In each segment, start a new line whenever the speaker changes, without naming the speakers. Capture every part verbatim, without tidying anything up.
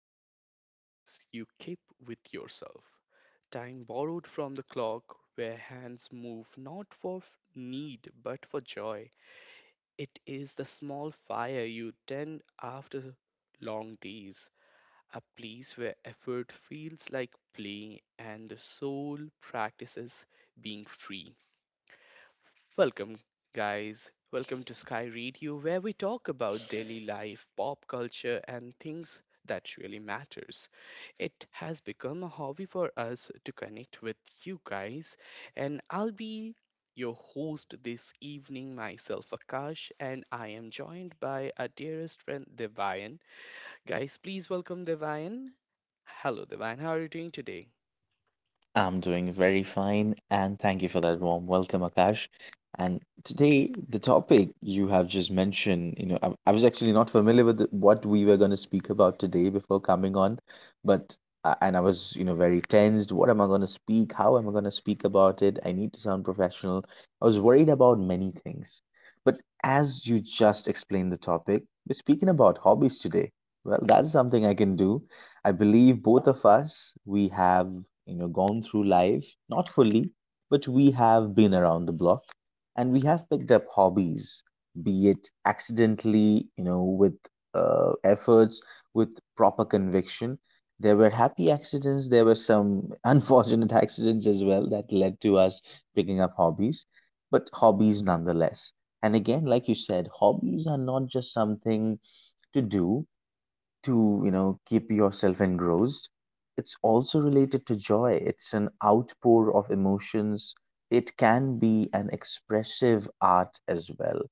is a quiet promise you keep with yourself. Time borrowed from the clock where hands move not for f- need but for joy. It is the small fire you tend after long days, a place where effort feels like play and the soul practices being free. Welcome, guys. Welcome to Sky Radio, where we talk about daily life, pop culture, and things that really matters. It has become a hobby for us to connect with you guys, and I'll be your host this evening, myself Akash, and I am joined by our dearest friend Devayan. Guys, please welcome Devayan. Hello Devayan, how are you doing today?
I'm doing very fine, and thank you for that warm welcome, Akash. And today, the topic you have just mentioned, you know, I, I was actually not familiar with the, what we were going to speak about today before coming on, but uh, and I was, you know, very tensed. What am I going to speak? How am I going to speak about it? I need to sound professional. I was worried about many things, but as you just explained the topic, we're speaking about hobbies today. Well, that's something I can do. I believe both of us, we have, you know, gone through life, not fully, but we have been around the block and we have picked up hobbies, be it accidentally, you know, with uh, efforts, with proper conviction. There were happy accidents, there were some unfortunate accidents as well that led to us picking up hobbies, but hobbies nonetheless. And again, like you said, hobbies are not just something to do, to, you know, keep yourself engrossed. It's also related to joy. It's an outpour of emotions. It can be an expressive art as well.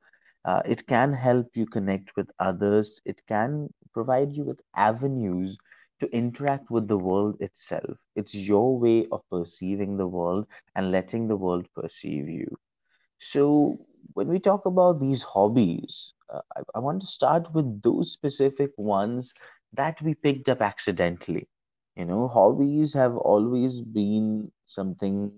uh, It can help you connect with others. It can provide you with avenues to interact with the world itself. It's your way of perceiving the world and letting the world perceive you. So, when we talk about these hobbies, uh, I, I want to start with those specific ones that we picked up accidentally. You know, hobbies have always been something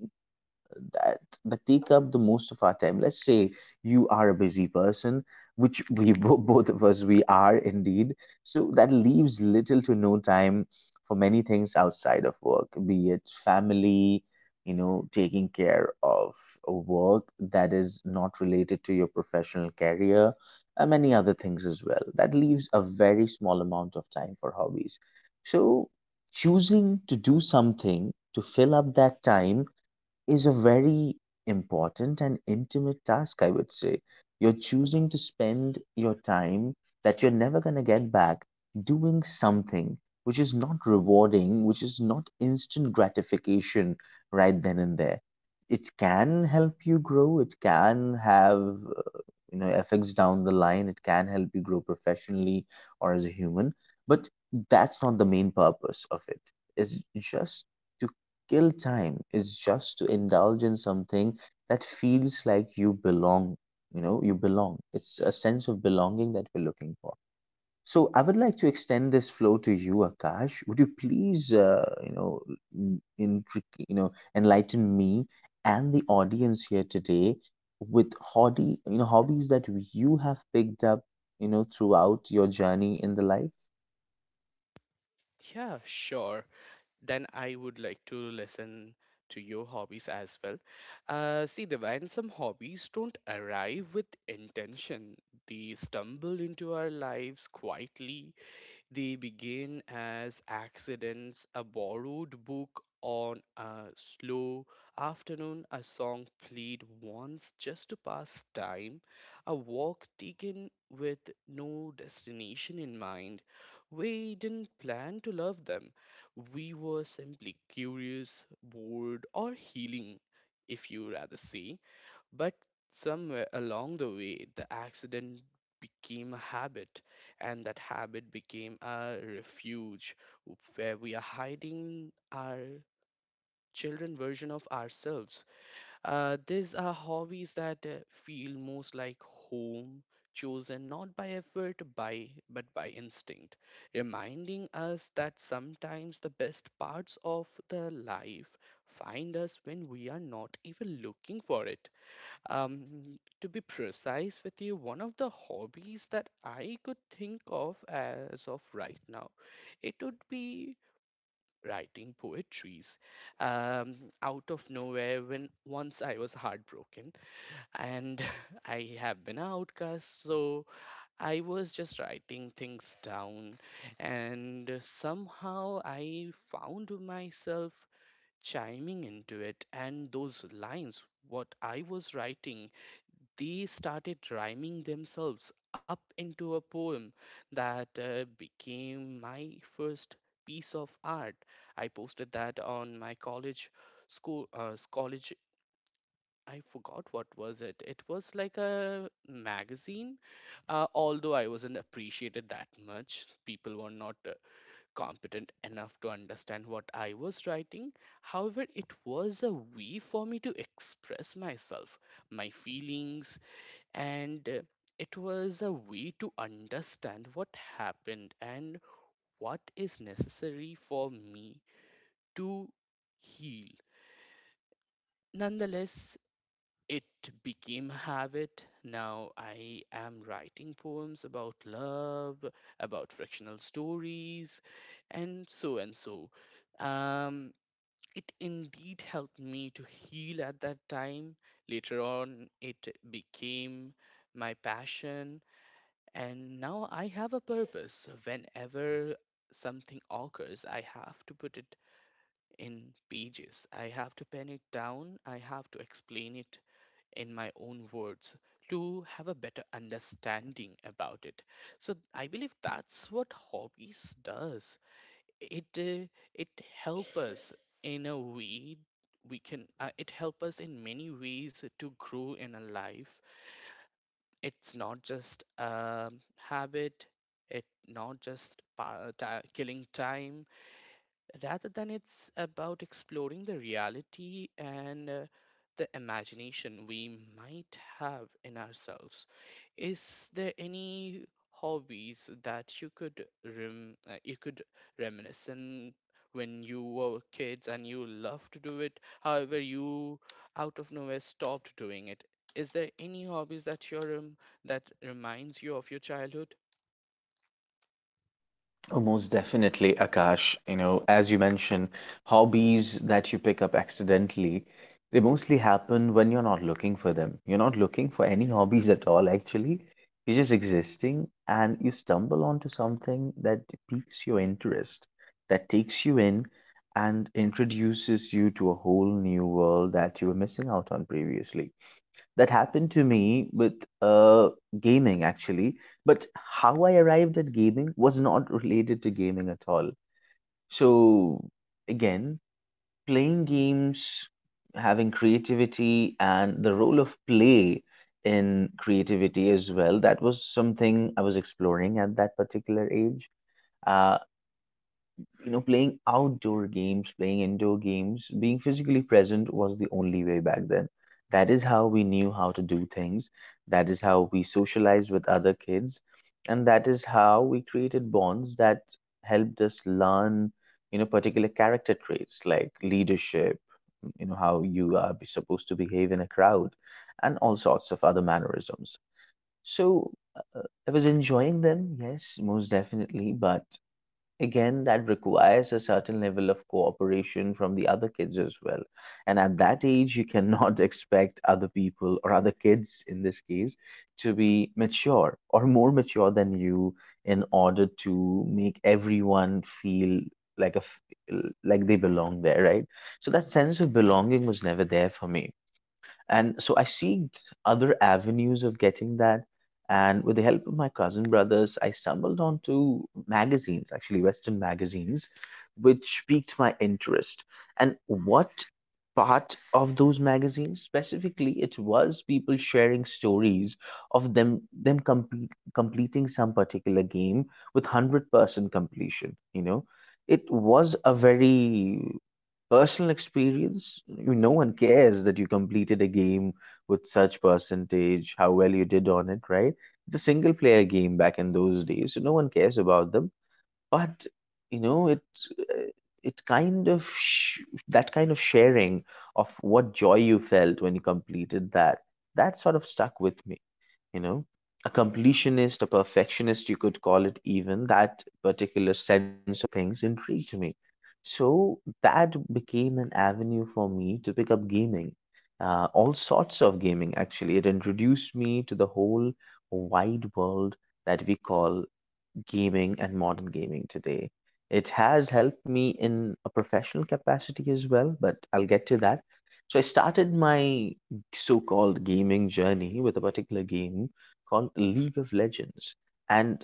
that that take up the most of our time. Let's say you are a busy person, which we bo- both of us we are indeed, so that leaves little to no time for many things outside of work, be it family, you know, taking care of work that is not related to your professional career, and many other things as well. That leaves a very small amount of time for hobbies. So choosing to do something to fill up that time is a very important and intimate task, I would say. You're choosing to spend your time that you're never going to get back doing something which is not rewarding, which is not instant gratification right then and there. It can help you grow, it can have, uh, you know, effects down the line, it can help you grow professionally or as a human, but that's not the main purpose of it. It's just to kill time, is just to indulge in something that feels like you belong. You know, you belong. It's a sense of belonging that we're looking for. So I would like to extend this flow to you, Akash. Would you please uh, you know, n- intric- you know, enlighten me and the audience here today with hobby, you know, hobbies that you have picked up, you know, throughout your journey in the life?
Yeah, sure. Then I would like to listen to your hobbies as well. Uh, see, the when some hobbies don't arrive with intention, they stumble into our lives quietly. They begin as accidents: a borrowed book on a slow afternoon, a song played once just to pass time, a walk taken with no destination in mind. We didn't plan to love them. We were simply curious, bored, or healing, if you rather say. But somewhere along the way, the accident became a habit, and that habit became a refuge where we are hiding our children version of ourselves. Uh, these are hobbies that uh, feel most like home, chosen not by effort, by but by instinct, reminding us that sometimes the best parts of the life find us when we are not even looking for it. Um, to be precise with you, one of the hobbies that I could think of as of right now, it would be writing poetries. Um, out of nowhere, when once I was heartbroken and I have been an outcast, so I was just writing things down, and somehow I found myself chiming into it, and those lines, what I was writing, they started rhyming themselves up into a poem that uh, became my first piece of art. I posted that on my college school uh, college. I forgot what was it. It was like a magazine. Uh, although I wasn't appreciated that much. People were not uh, competent enough to understand what I was writing. However, it was a way for me to express myself, my feelings, and uh, it was a way to understand what happened and what is necessary for me to heal. Nonetheless, it became a habit. Now I am writing poems about love, about fictional stories, and so and so. Um, it indeed helped me to heal at that time. Later on, it became my passion. And now I have a purpose. Whenever something occurs, I have to put it in pages. I have to pen it down. I have to explain it in my own words to have a better understanding about it. So I believe that's what hobbies does. It uh, it help us in a way. We can uh, it help us in many ways to grow in a life. It's not just a habit, it not just pa- ti killing time, rather than it's about exploring the reality and uh, the imagination we might have in ourselves. Is there any hobbies that you could rem- uh, you could reminisce on when you were kids and you loved to do it? However, you out of nowhere stopped doing it. Is there any hobbies that you're um, that reminds you of your childhood?
Oh, most definitely, Akash. You know, as you mentioned, hobbies that you pick up accidentally, they mostly happen when you're not looking for them. You're not looking for any hobbies at all, actually. You're just existing and you stumble onto something that piques your interest, that takes you in and introduces you to a whole new world that you were missing out on previously. That happened to me with uh, gaming actually, but how I arrived at gaming was not related to gaming at all. So, again, playing games, having creativity, and the role of play in creativity as well, that was something I was exploring at that particular age. Uh, you know, playing outdoor games, playing indoor games, being physically present was the only way back then. That is how we knew how to do things. That is how we socialized with other kids. And that is how we created bonds that helped us learn, you know, particular character traits like leadership, you know, how you are be- supposed to behave in a crowd, and all sorts of other mannerisms. So uh, uh, I was enjoying them, yes, most definitely, but again, that requires a certain level of cooperation from the other kids as well. And at that age, you cannot expect other people or other kids in this case to be mature or more mature than you in order to make everyone feel like a f- like they belong there, right? So that sense of belonging was never there for me. And so I seeked other avenues of getting that. And with the help of my cousin brothers, I stumbled onto magazines, actually Western magazines, which piqued my interest. And what part of those magazines specifically, it was people sharing stories of them them complete, completing some particular game with one hundred percent completion. You know, it was a very personal experience. You no one cares that you completed a game with such percentage, how well you did on it, right? It's a single player game back in those days, so no one cares about them. But you know, it, uh, it kind of sh- that kind of sharing of what joy you felt when you completed that, that sort of stuck with me, you know. A completionist, a perfectionist, you could call it, even that particular sense of things intrigued me. So that became an avenue for me to pick up gaming, uh, all sorts of gaming actually. It introduced me to the whole wide world that we call gaming and modern gaming today. It has helped me in a professional capacity as well, but I'll get to that. So I started my so-called gaming journey with a particular game called League of Legends. And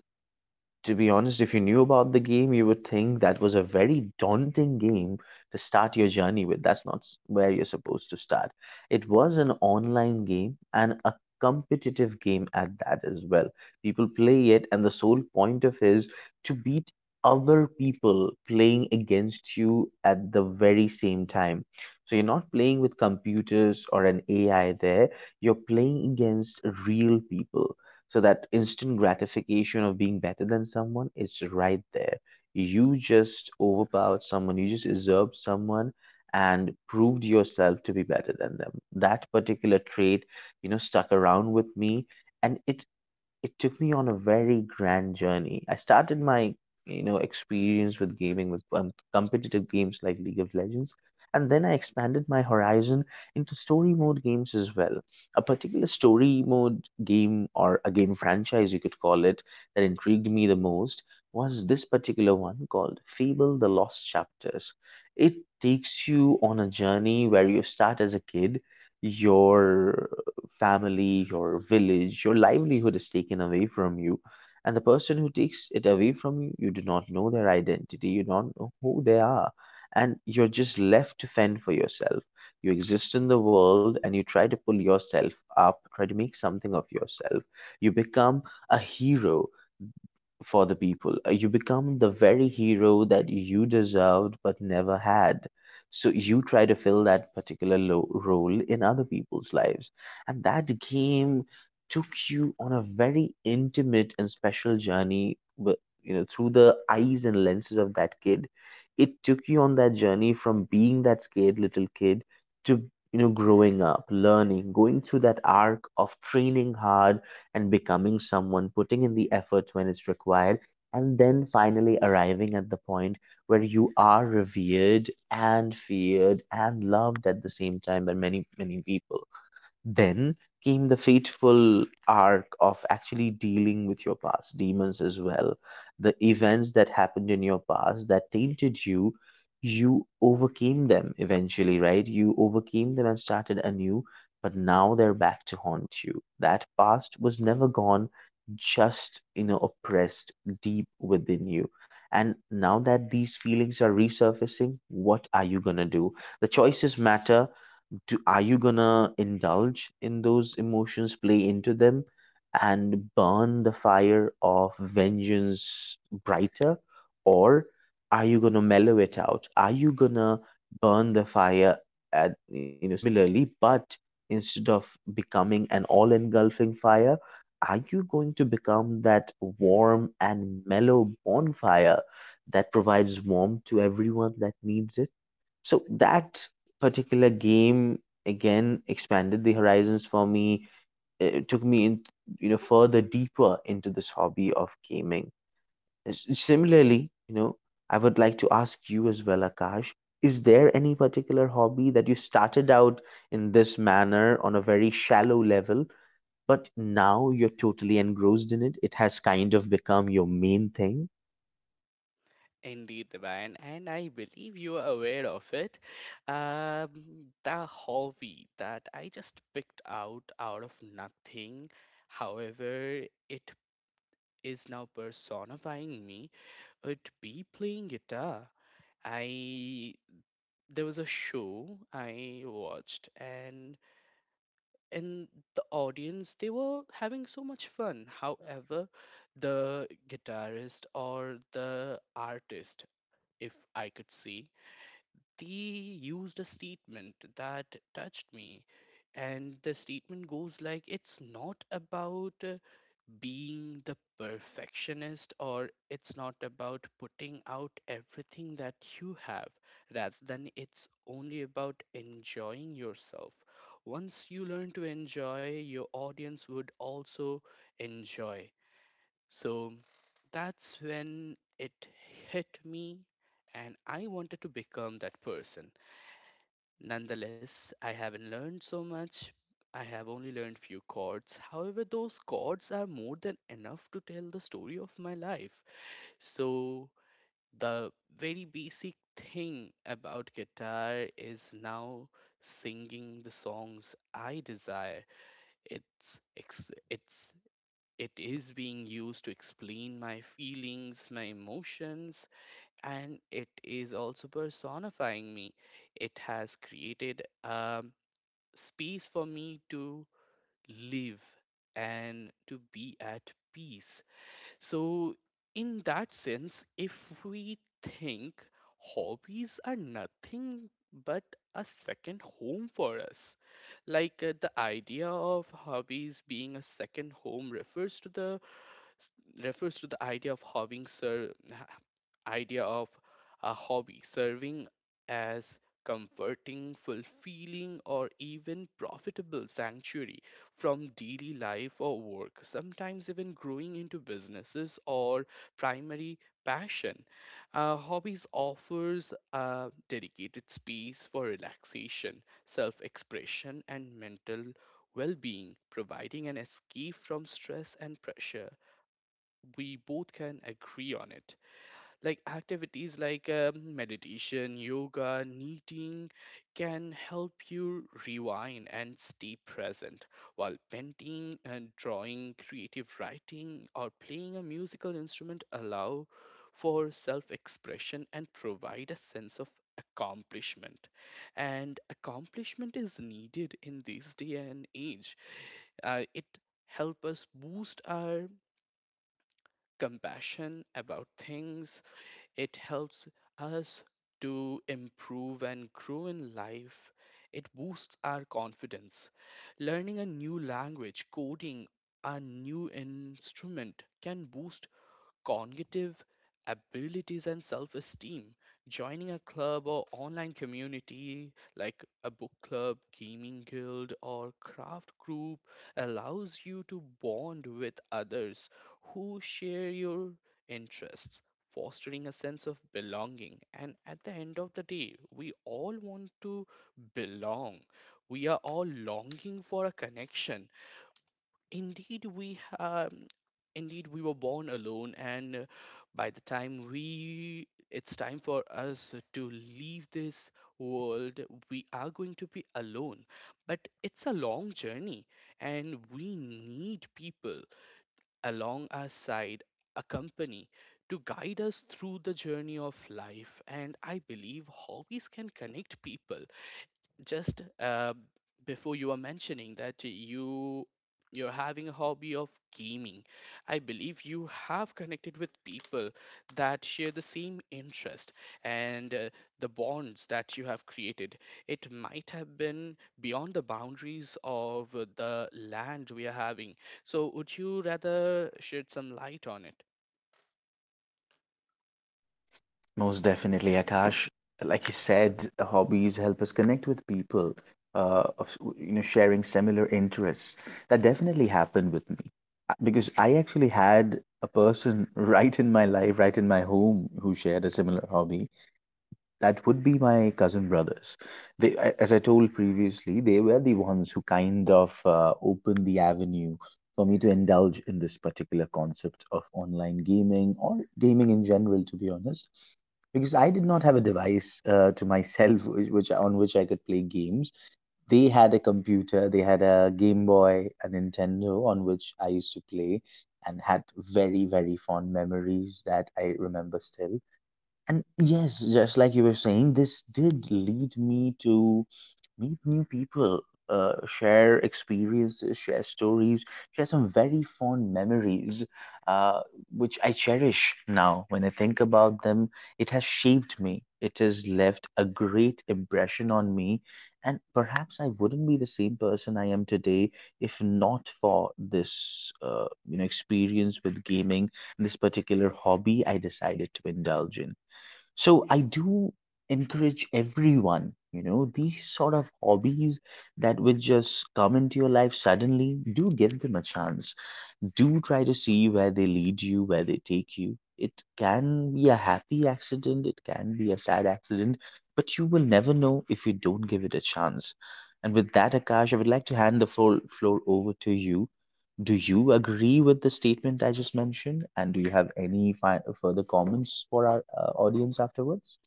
to be honest, if you knew about the game, you would think that was a very daunting game to start your journey with. That's not s- where you're supposed to start. It was an online game and a competitive game at that as well. People play it, and the sole point of is to beat other people playing against you at the very same time. So you're not playing with computers or an A I there, you're playing against real people. So that instant gratification of being better than someone, it's right there. You just overpowered someone, you just usurped someone and proved yourself to be better than them. That particular trait, you know, stuck around with me, and it it took me on a very grand journey. I started my, you know, experience with gaming with um, competitive games like League of Legends, and then I expanded my horizon into story mode games as well. A particular story mode game, or a game franchise, you could call it, that intrigued me the most was this particular one called Fable: The Lost Chapters. It takes you on a journey where you start as a kid. Your family, your village, your livelihood is taken away from you. And the person who takes it away from you, you do not know their identity, you don't know who they are, and you're just left to fend for yourself. You exist in the world and you try to pull yourself up, try to make something of yourself. You become a hero for the people. Uh, You become the very hero that you deserved but never had. So you try to fill that particular lo role in other people's lives. And that game took you on a very intimate and special journey, but you know, through the eyes and lenses of that kid. It took you on that journey from being that scared little kid to, you know, growing up, learning, going through that arc of training hard and becoming someone, putting in the effort when it's required, and then finally arriving at the point where you are revered and feared and loved at the same time by many, many people. Then came the fateful arc of actually dealing with your past demons as well. The events that happened in your past that tainted you, you overcame them eventually, right? You overcame them and started anew, but now they're back to haunt you. That past was never gone, just, you know, oppressed deep within you. And now that these feelings are resurfacing, what are you gonna do? The choices matter do, are you gonna indulge in those emotions, play into them, and burn the fire of vengeance brighter? Or are you gonna mellow it out? Are you gonna burn the fire at, you know, similarly, but instead of becoming an all-engulfing fire, are you going to become that warm and mellow bonfire that provides warmth to everyone that needs it? So that particular game again expanded the horizons for me. It took me in, you know, further deeper into this hobby of gaming. S- Similarly, you know, I would like to ask you as well, Akash, is there any particular hobby that you started out in this manner on a very shallow level, but now you're totally engrossed in it? It has kind of become your main thing?
Indeed, Divine, and I believe you are aware of it. Um, the hobby that I just picked out out of nothing, however, it is now personifying me, would be playing guitar. I there was a show I watched, and in the audience they were having so much fun. However, the guitarist or the artist, if I could say, they used a statement that touched me. And the statement goes like, it's not about uh, being the perfectionist, or it's not about putting out everything that you have, rather than it's only about enjoying yourself. Once you learn to enjoy, your audience would also enjoy. So that's when it hit me, and I wanted to become that person. Nonetheless, I haven't learned so much. I have only learned few chords. However, those chords are more than enough to tell the story of my life. So, the very basic thing about guitar is now singing the songs I desire. It's ex- it's it is being used to explain my feelings, my emotions, and it is also personifying me. It has created a space for me to live and to be at peace. So, in that sense, if we think, hobbies are nothing but a second home for us. Like uh, the idea of hobbies being a second home refers to the refers to the idea of having sir idea of a hobby serving as comforting, fulfilling, or even profitable sanctuary from daily life or work, sometimes even growing into businesses or primary passion. Uh, hobbies offers a dedicated space for relaxation, self-expression, and mental well-being, providing an escape from stress and pressure. We both can agree on it. Like activities like um, meditation, yoga, knitting can help you rewind and stay present, while painting and drawing, creative writing, or playing a musical instrument allow for self-expression and provide a sense of accomplishment. And accomplishment is needed in this day and age. Uh, it help us boost our compassion about things. It helps us to improve and grow in life. It boosts our confidence. Learning a new language, coding, a new instrument can boost cognitive abilities and self esteem. Joining a club or online community like a book club, gaming guild, or craft group allows you to bond with others who share your interests, fostering a sense of belonging. And at the end of the day, we all want to belong. We are all longing for a connection. Indeed, we um, indeed we were born alone, and uh, by the time we it's time for us to leave this world, we are going to be alone. But it's a long journey, and we need people along our side, a company to guide us through the journey of life. And I believe hobbies can connect people. Just uh, Before you were mentioning that you you're having a hobby of gaming, I believe you have connected with people that share the same interest, and uh, the bonds that you have created, it might have been beyond the boundaries of uh, the land we are having. So would you rather shed some light on it?
Most definitely, Akash. Like you said, hobbies help us connect with people uh, of, you know, sharing similar interests. That definitely happened with me. Uh, because I actually had a person right in my life, right in my home, who shared a similar hobby. That would be my cousin brothers. They, a- as I told previously, they were the ones who kind of uh, opened the avenue for me to indulge in this particular concept of online gaming or gaming in general, to be honest, because I did not have a device uh, to myself which, which on which I could play games. They had a computer, they had a Game Boy, a Nintendo on which I used to play, and had very, very fond memories that I remember still. And yes, just like you were saying, this did lead me to meet new people, uh, share experiences, share stories, share some very fond memories, uh, which I cherish now. When I think about them, it has shaped me. It has left a great impression on me. And perhaps I wouldn't be the same person I am today if not for this, uh, you know, experience with gaming, and this particular hobby I decided to indulge in. So I do encourage everyone, you know, these sort of hobbies that will just come into your life suddenly, do give them a chance, do try to see where they lead you, where they take you. It can be a happy accident, it can be a sad accident, but you will never know if you don't give it a chance. And with that, Akash, I would like to hand the floor, floor over to you. Do you agree with the statement I just mentioned? And do you have any fi further comments for our uh, audience afterwards?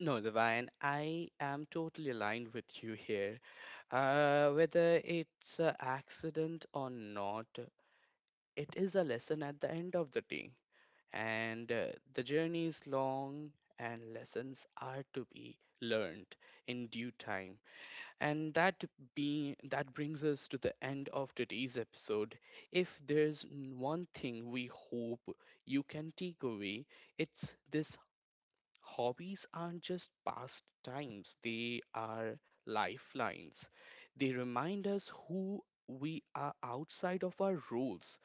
No, Divine, I am totally aligned with you here. Uh, whether it's an accident or not, it is a lesson at the end of the day. And uh, the journey is long and lessons are to be learned in due time. And that be that brings us to the end of today's episode. If there's n- one thing we hope you can take away, it's this: hobbies aren't just pastimes, they are lifelines. They remind us who we are outside of our rules,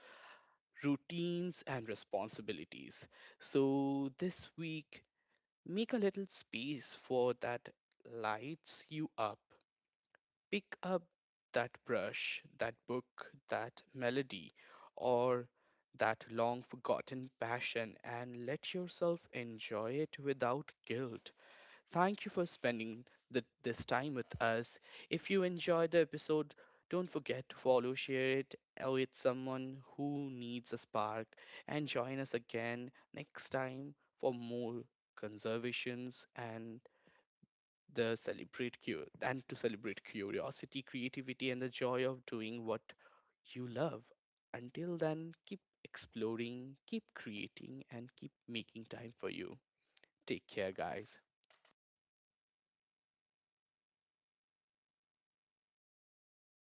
routines, and responsibilities. So this week, make a little space for that lights you up. Pick up that brush, that book, that melody, or that long forgotten passion, and let yourself enjoy it without guilt. Thank you for spending the, this time with us. If you enjoyed the episode, don't forget to follow, share it uh, with someone who needs a spark, and join us again next time for more conservations, and the celebrate cu- and to celebrate curiosity, creativity, and the joy of doing what you love. Until then, keep exploring, keep creating, and keep making time for you. Take care, guys.